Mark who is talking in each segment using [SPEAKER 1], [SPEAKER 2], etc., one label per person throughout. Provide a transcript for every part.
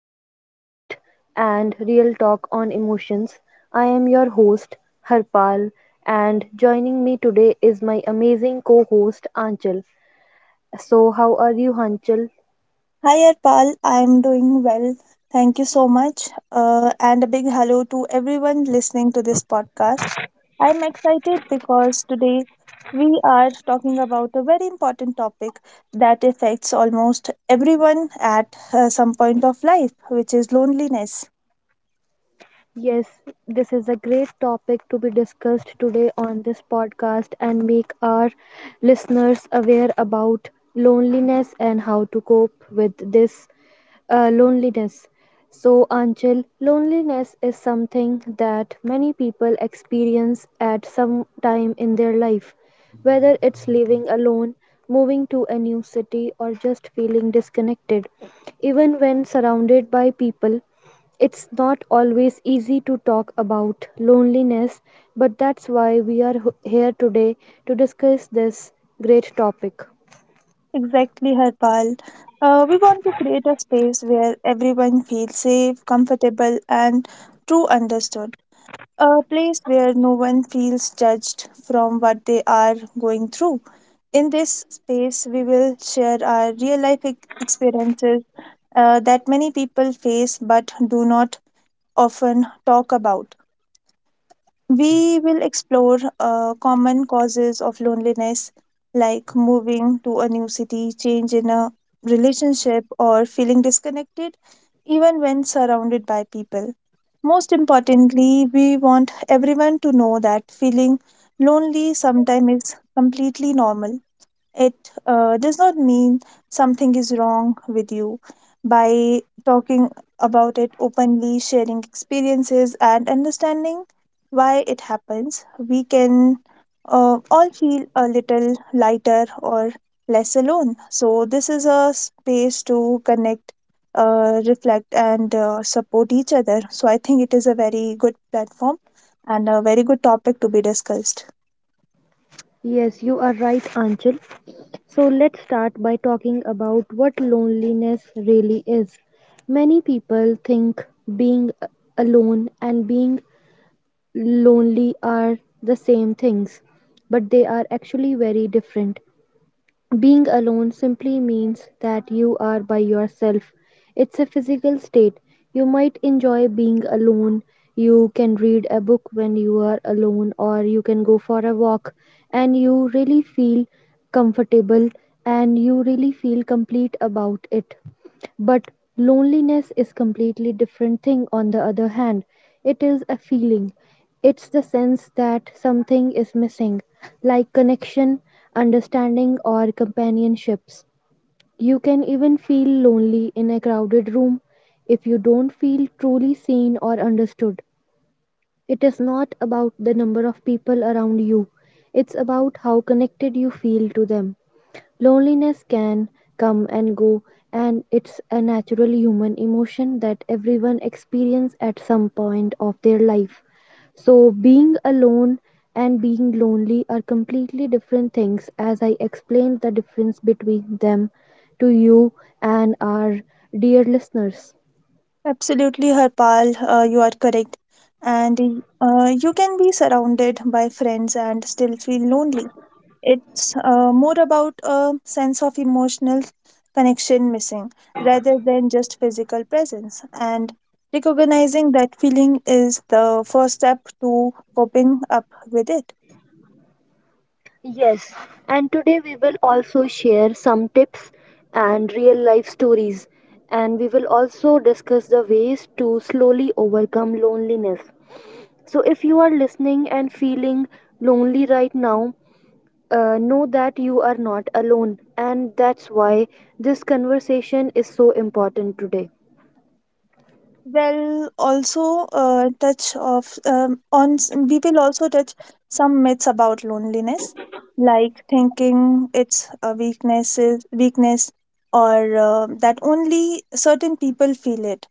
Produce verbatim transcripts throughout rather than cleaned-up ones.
[SPEAKER 1] Inside Out and Real Talk on Emotions. I am your host, Harpal, and joining me today is my amazing co host, Anchal. So, how are you, Anchal?
[SPEAKER 2] Hi Arpal, I'm doing well. Thank you so much. Uh, and a big hello to everyone listening to this podcast. I'm excited because today we are talking about a very important topic that affects almost everyone at uh, some point of life, which is loneliness.
[SPEAKER 1] Yes, this is a great topic to be discussed today on this podcast and make our listeners aware about loneliness and how to cope with this uh, loneliness. So, Anchal, loneliness is something that many people experience at some time in their life, whether it's living alone, moving to a new city, or just feeling disconnected. Even when surrounded by people, it's not always easy to talk about loneliness, but that's why we are h- here today to discuss this great topic.
[SPEAKER 2] Exactly, Harpal. Uh, we want to create a space where everyone feels safe, comfortable, and true understood, a place where no one feels judged from what they are going through. In this space, we will share our real life ex- experiences uh, that many people face but do not often talk about. We will explore uh, common causes of loneliness, like moving to a new city, change in a relationship, or feeling disconnected, even when surrounded by people. Most importantly, we want everyone to know that feeling lonely sometimes is completely normal. It uh, does not mean something is wrong with you. By talking about it openly, sharing experiences, and understanding why it happens, we can uh, all feel a little lighter or less alone. So, this is a space to connect, uh, reflect, and uh, support each other. So, I think it is a very good platform and a very good topic to be discussed.
[SPEAKER 1] Yes, you are right, Anchal. So let's start by talking about what loneliness really is. Many people think being alone and being lonely are the same things, but they are actually very different. Being alone simply means that you are by yourself. It's a physical state. You might enjoy being alone. You can read a book when you are alone, or you can go for a walk, and you really feel comfortable, and you really feel complete about it. But loneliness is completely different thing on the other hand. It is a feeling. It's the sense that something is missing, like connection, understanding or companionships. You can even feel lonely in a crowded room if you don't feel truly seen or understood. It is not about the number of people around you. It's about how connected you feel to them. Loneliness can come and go, and it's a natural human emotion that everyone experiences at some point of their life. So, being alone and being lonely are completely different things, as I explained the difference between them to you and our dear listeners.
[SPEAKER 2] Absolutely, Harpal, uh, you are correct. And uh, you can be surrounded by friends and still feel lonely. It's uh, more about a sense of emotional connection missing rather than just physical presence. And recognizing that feeling is the first step to coping up with it.
[SPEAKER 1] Yes, and today we will also share some tips and real life stories, and we will also discuss the ways to slowly overcome loneliness. So, if you are listening and feeling lonely right now, uh, know that you are not alone, and that's why this conversation is so important today.
[SPEAKER 2] Well, also uh, touch of um, on s- we will also touch some myths about loneliness, like thinking it's a weakness, weakness, or uh, that only certain people feel it.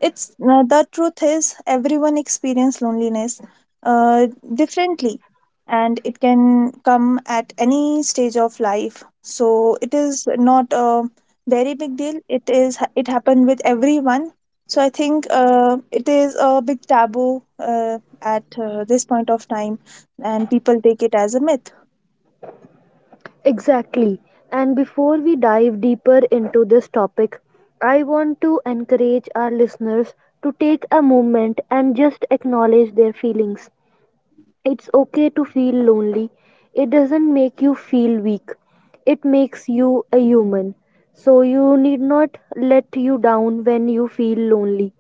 [SPEAKER 2] It's uh, the truth is everyone experience loneliness uh, differently, and it can come at any stage of life. So it is not a very big deal. It is it happened with everyone. So I think uh, it is a big taboo uh, at uh, this point of time, and people take it as a myth.
[SPEAKER 1] Exactly. And before we dive deeper into this topic, I want to encourage our listeners to take a moment and just acknowledge their feelings. It's okay to feel lonely. It doesn't make you feel weak. It makes you a human. So you need not let you down when you feel lonely.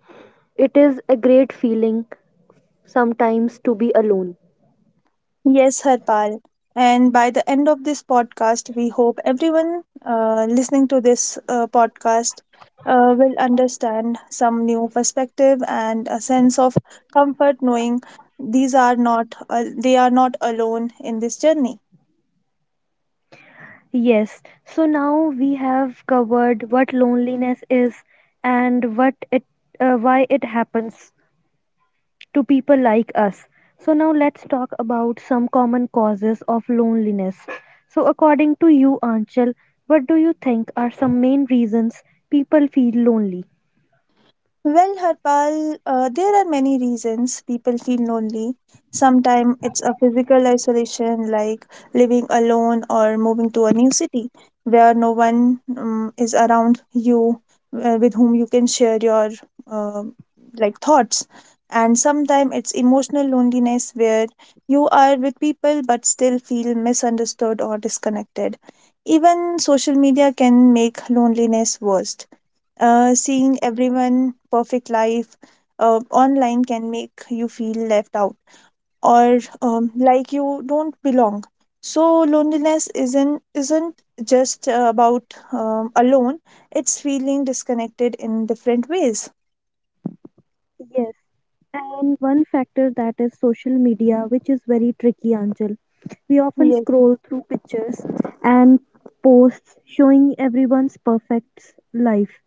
[SPEAKER 1] It is a great feeling sometimes to be alone.
[SPEAKER 2] Yes, Harpal. And by the end of this podcast, we hope everyone uh, listening to this uh, podcast uh, will understand some new perspective and a sense of comfort knowing these are not, uh, they are not alone in this journey.
[SPEAKER 1] Yes, so now we have covered what loneliness is and what it, uh, why it happens to people like us. So now let's talk about some common causes of loneliness. So according to you, Anchal, what do you think are some main reasons people feel lonely?
[SPEAKER 2] Well, Harpal, uh, there are many reasons people feel lonely. Sometimes it's a physical isolation, like living alone or moving to a new city where no one um, is around you uh, with whom you can share your um like thoughts. And sometimes it's emotional loneliness where you are with people but still feel misunderstood or disconnected. Even social media can make loneliness worse, uh, seeing everyone perfect life uh, online can make you feel left out or um, like you don't belong. So loneliness isn't isn't just uh, about um, alone. It's feeling disconnected in different ways.
[SPEAKER 1] Yes. And one factor that is social media, which is very tricky, Anjal. We often
[SPEAKER 2] Yes.
[SPEAKER 1] scroll through pictures and posts showing everyone's perfect life,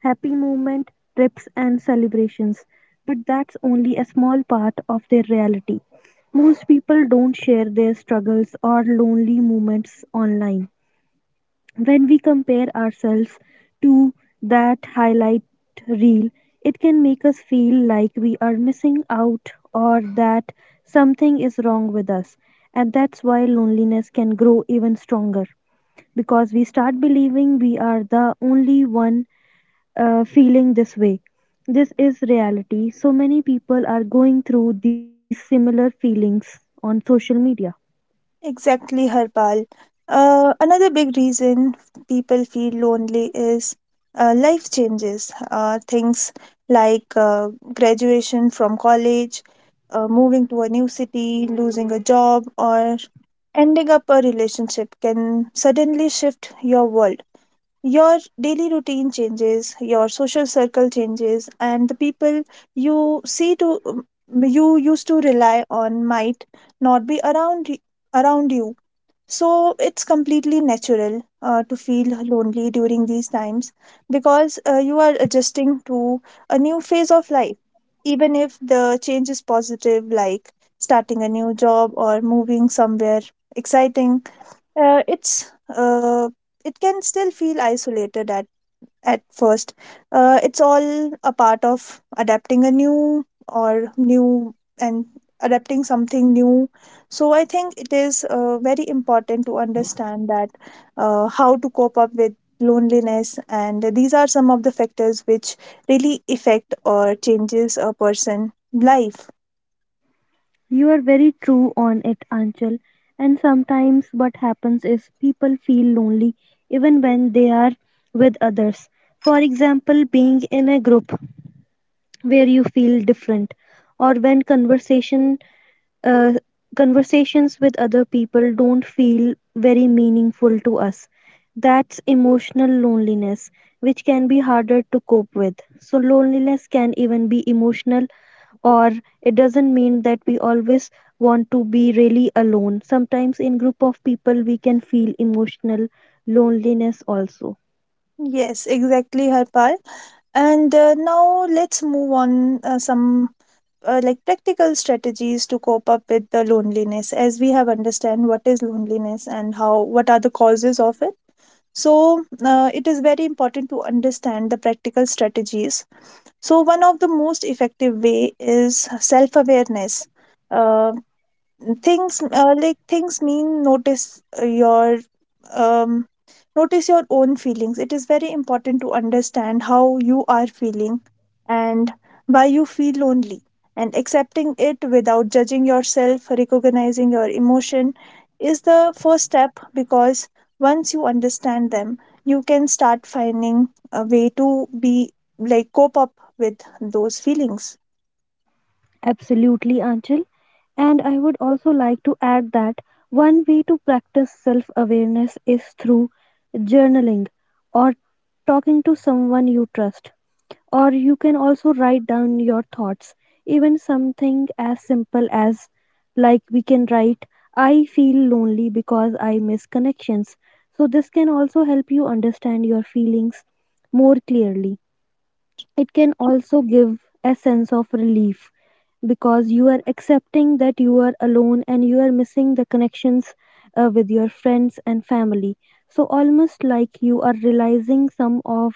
[SPEAKER 1] happy moment, trips, and celebrations. But that's only a small part of their reality. Most people don't share their struggles or lonely moments online when we compare ourselves to that highlight reel, it can make us feel like we are missing out or that something is wrong with us. And that's why loneliness can grow even stronger because we start believing we are the only one uh, feeling this way. This is reality. So many people are going through these similar feelings on social media.
[SPEAKER 2] Exactly, Harpal. Uh, another big reason people feel lonely is uh, life changes. Uh, things like uh, graduation from college, uh, moving to a new city, losing a job, or ending up a relationship can suddenly shift your world, your daily routine changes, your social circle changes, and the people you see to, um, you used to rely on might not be around y- around you. So it's completely natural uh, to feel lonely during these times because uh, you are adjusting to a new phase of life. Even if the change is positive, like starting a new job or moving somewhere exciting, uh, it's uh, it can still feel isolated at at first. Uh, it's all a part of adapting a new or new and adapting something new. So I think it is uh, very important to understand that uh, how to cope up with loneliness, and these are some of the factors which really affect or changes a person life.
[SPEAKER 1] You are very true on it, Anchal. And sometimes what happens is people feel lonely even when they are with others. For example, being in a group where you feel different, or when conversation uh, conversations with other people don't feel very meaningful to us. That's emotional loneliness, which can be harder to cope with. So, loneliness can even be emotional, or it doesn't mean that we always want to be really alone. Sometimes, in group of people, we can feel emotional loneliness also.
[SPEAKER 2] Yes, exactly, Harpal. And uh, now let's move on, uh, some uh, like practical strategies to cope up with the loneliness, as we have understand what is loneliness and how what are the causes of it. So uh, it is very important to understand the practical strategies. So one of the most effective way is self awareness, things uh, like things mean notice uh, your um notice your own feelings. It is very important to understand how you are feeling and why you feel lonely and accepting it without judging yourself. Recognizing your emotion is the first step because once you understand them, you can start finding a way to be like cope up with those feelings.
[SPEAKER 1] Absolutely, Anchal. And I would also like to add that one way to practice self awareness is through journaling or talking to someone you trust. Or you can also write down your thoughts, even something as simple as like we can write, I feel lonely because I miss connections. So, this can also help you understand your feelings more clearly. It can also give a sense of relief because you are accepting that you are alone and you are missing the connections uh, with your friends and family, so almost like you are realizing some of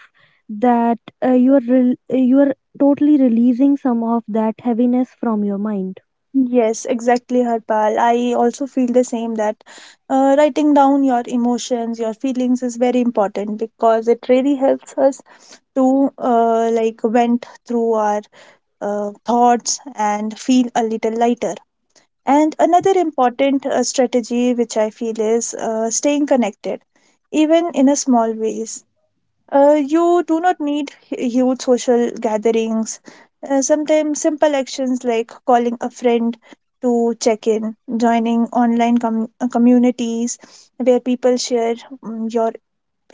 [SPEAKER 1] that, uh, you are rel you are totally releasing some of that heaviness from your mind.
[SPEAKER 2] Yes, exactly, Harpal. I also feel the same that uh, writing down your emotions, your feelings is very important because it really helps us to uh, like vent through our uh, thoughts and feel a little lighter. And another important uh, strategy, which I feel, is uh, staying connected, even in a small ways. Uh, you do not need hu- huge social gatherings. Uh, sometimes simple actions like calling a friend to check in, joining online com- uh, communities where people share mm, your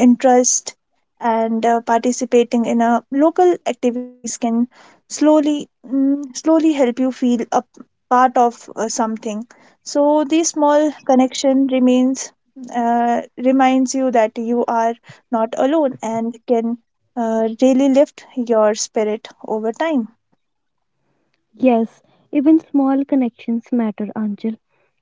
[SPEAKER 2] interest and uh, participating in a local activities can slowly mm, slowly help you feel a p- part of uh, something. So this small connection remains uh, reminds you that you are not alone and can uh, really lift your spirit over time.
[SPEAKER 1] Yes, even small connections matter, Anjal,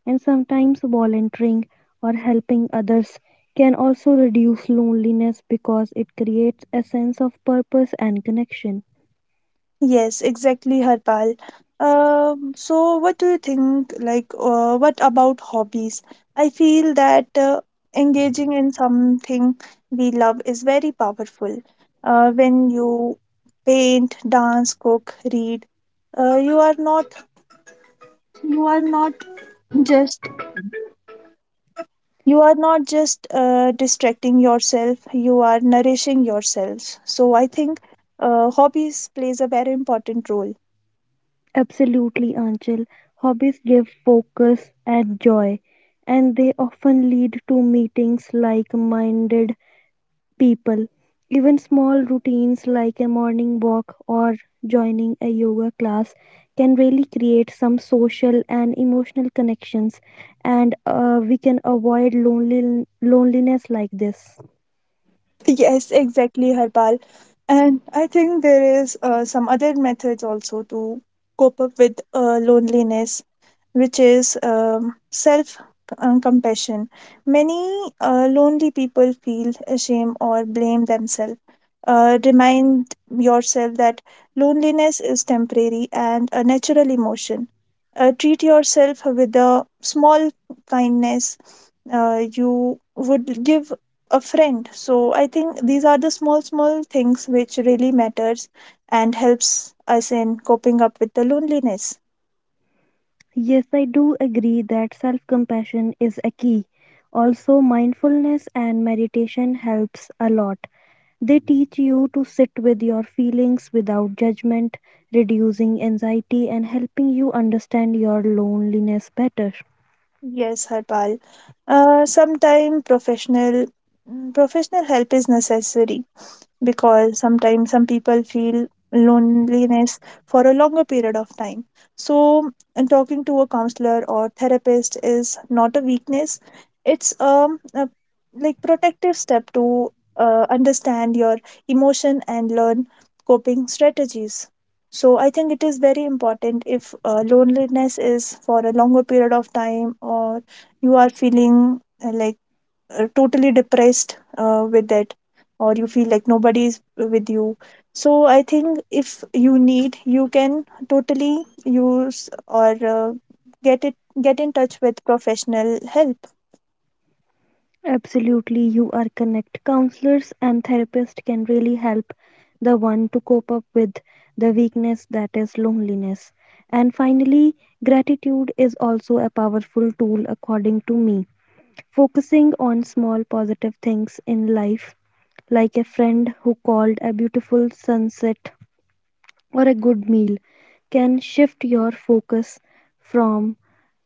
[SPEAKER 1] and sometimes volunteering or helping others can also reduce loneliness because it creates a sense of purpose and connection.
[SPEAKER 2] Yes, exactly, Harpal. Um, so, what do you think? Like, uh, what about hobbies? I feel that uh, engaging in something we love is very powerful. Uh, when you paint, dance, cook, read, uh, you are not you are not just you are not just uh, distracting yourself. You are nourishing yourselves. So, I think uh, hobbies plays a very important role.
[SPEAKER 1] Absolutely, Anjal. Hobbies give focus and joy, and they often lead to meetings like minded people. Even small routines like a morning walk or joining a yoga class can really create some social and emotional connections, and uh, we can avoid lonely, loneliness like this.
[SPEAKER 2] Yes, exactly, Harpal. And I think there is uh, some other methods also to cope up with uh, loneliness, which is um, self uh, compassion. Many uh, lonely people feel shame or blame themselves. Uh, remind yourself that loneliness is temporary and a natural emotion. Uh, treat yourself with a small kindness uh, you would give a friend. So I think these are the small small things which really matters and helps us in coping up with the loneliness.
[SPEAKER 1] Yes, I do agree that self compassion is a key. Also, mindfulness and meditation helps a lot. They teach you to sit with your feelings without judgment, reducing anxiety and helping you understand your loneliness better.
[SPEAKER 2] Yes, Harpal. Uh, sometimes professional mm, professional help is necessary because sometimes some people feel loneliness for a longer period of time. So, and talking to a counselor or therapist is not a weakness. It's um a, like protective step to uh, understand your emotion and learn coping strategies. So I think it is very important if uh, loneliness is for a longer period of time or you are feeling uh, like uh, totally depressed uh, with it, or you feel like nobody is with you. So I think if you need, you can totally use or uh, get it get in touch with professional help.
[SPEAKER 1] Absolutely, you are connect. Counselors and therapists can really help the one to cope up with the weakness that is loneliness. And finally, gratitude is also a powerful tool, according to me. Focusing on small positive things in life like a friend who called a beautiful sunset or a good meal can shift your focus from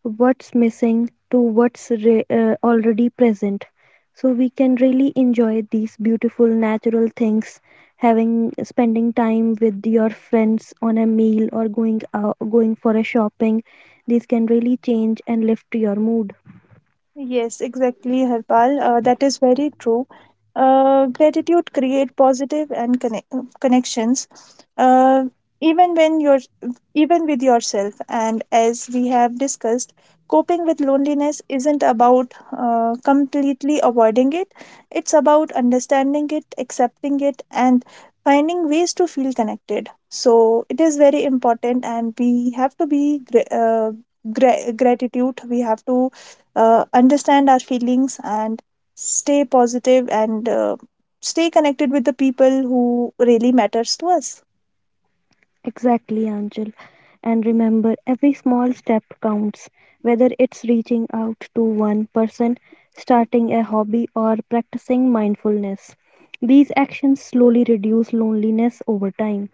[SPEAKER 1] what's missing to what's re- uh, already present. So we can really enjoy these beautiful natural things, having spending time with your friends on a meal or going out, going for a shopping. These can really change and lift your mood.
[SPEAKER 2] Yes, exactly, Harpal. Uh, that is very true. Uh, gratitude create positive and connect, connections, uh, even when you're, even with yourself. And as we have discussed, coping with loneliness isn't about uh, completely avoiding it. It's about understanding it, accepting it, and finding ways to feel connected. So it is very important, and we have to be gra- uh, gra- gratitude. We have to uh, understand our feelings and stay positive and uh, stay connected with the people who really matters to us.
[SPEAKER 1] Exactly, Angel. And remember, every small step counts, whether it's reaching out to one person, starting a hobby, or practicing mindfulness. These actions slowly reduce loneliness over time.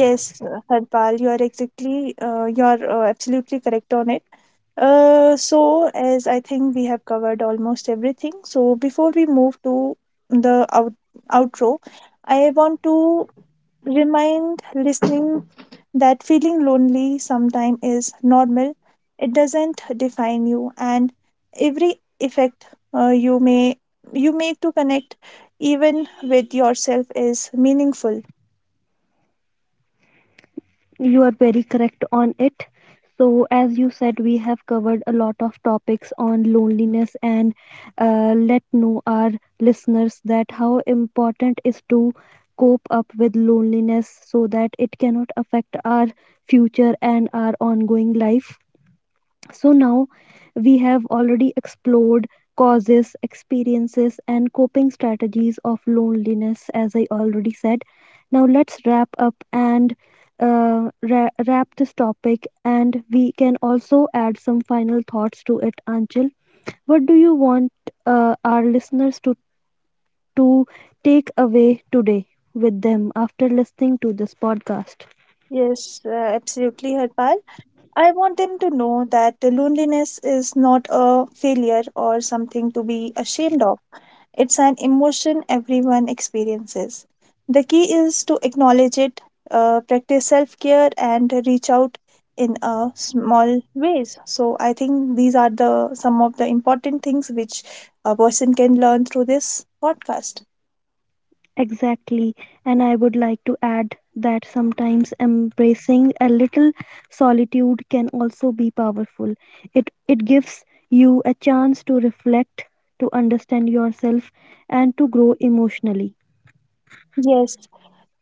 [SPEAKER 2] Yes, uh, Harpal, you are exactly uh, you are uh, absolutely correct on it. Uh, so, as I think we have covered almost everything, so before we move to the out- outro, I want to remind listening that feeling lonely sometimes is normal. It doesn't define you, and every effect uh, you may you make to connect, even with yourself, is meaningful.
[SPEAKER 1] You are very correct on it. So, as you said, we have covered a lot of topics on loneliness, and uh, let know our listeners that how important is to cope up with loneliness so that it cannot affect our future and our ongoing life. So now we have already explored causes, experiences, and coping strategies of loneliness, as I already said. Now let's wrap up and uh, ra- wrap this topic, and we can also add some final thoughts to it, Anchal. What do you want uh, our listeners to, to take away today with them after listening to this podcast?
[SPEAKER 2] Yes, uh, absolutely, Harpal. I want them to know that loneliness is not a failure or something to be ashamed of. It's an emotion everyone experiences. The key is to acknowledge it, uh, practice self care, and reach out in a small ways. So I think these are the some of the important things which a person can learn through this podcast.
[SPEAKER 1] Exactly. And I would like to add that sometimes embracing a little solitude can also be powerful. It, it gives you a chance to reflect, to understand yourself, and to grow emotionally.
[SPEAKER 2] Yes.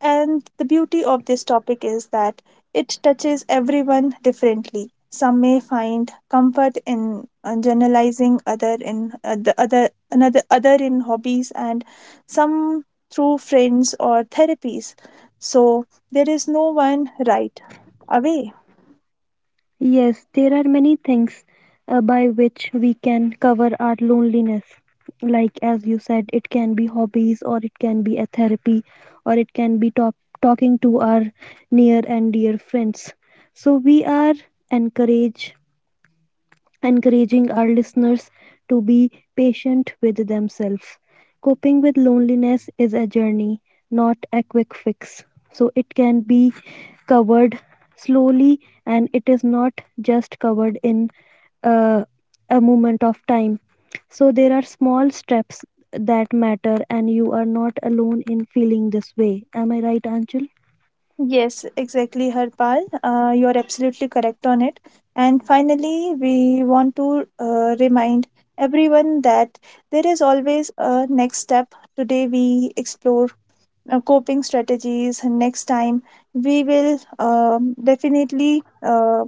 [SPEAKER 2] And the beauty of this topic is that it touches everyone differently. Some may find comfort in uh, generalizing, other in uh, the other another other in hobbies, and some through friends or therapies. So there is no one right away.
[SPEAKER 1] Yes, there are many things uh, by which we can cover our loneliness. Like as you said, it can be hobbies, or it can be a therapy, or it can be top- talking to our near and dear friends. So we are encouraged encouraging our listeners to be patient with themselves. Coping with loneliness is a journey, not a quick fix. So it can be covered slowly, and it is not just covered in uh, a moment of time. So there are small steps that matter, and you are not alone in feeling this way. Am I right, Anchal?
[SPEAKER 2] Yes, exactly, Harpal. Uh, you're absolutely correct on it. And finally, we want to uh, remind everyone that there is always a next step. Today, we explore uh, coping strategies. Next time, we will um, definitely uh,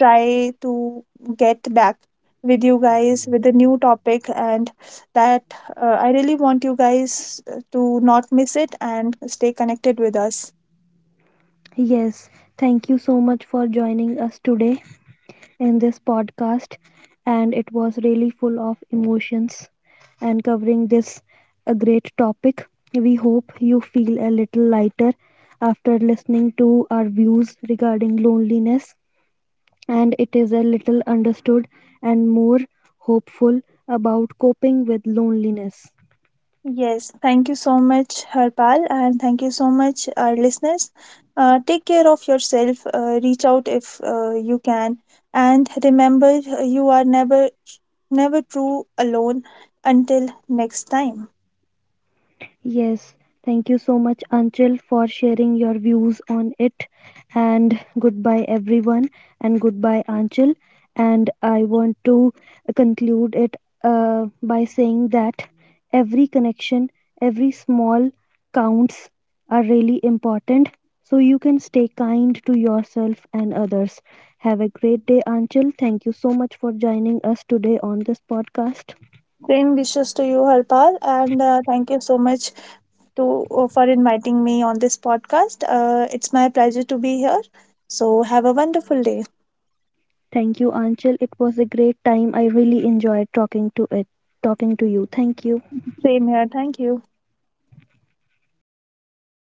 [SPEAKER 2] try to get back with you guys with a new topic. And that uh, I really want you guys uh, to not miss it and stay connected with us.
[SPEAKER 1] Yes. Thank you so much for joining us today in this podcast, and it was really full of emotions and covering this a great topic. We hope you feel a little lighter after listening to our views regarding loneliness, and it is a little understood and more hopeful about coping with loneliness.
[SPEAKER 2] Yes, thank you so much, Harpal, and thank you so much, our listeners. Uh, take care of yourself, uh, reach out if uh, you can, and remember uh, you are never, never true alone until next time.
[SPEAKER 1] Yes, thank you so much, Anchal, for sharing your views on it. And goodbye, everyone. And goodbye, Anchal. And I want to conclude it uh, by saying that every connection, every small counts are really important. So you can stay kind to yourself and others. Have a great day, Anchal. Thank you so much for joining us today on this podcast.
[SPEAKER 2] Same wishes to you, Harpal, and uh, thank you so much to uh, for inviting me on this podcast. Uh, it's my pleasure to be here. So have a wonderful day.
[SPEAKER 1] Thank you, Anchal. It was a great time. I really enjoyed talking to it, talking to you. Thank you.
[SPEAKER 2] Same here. Thank you.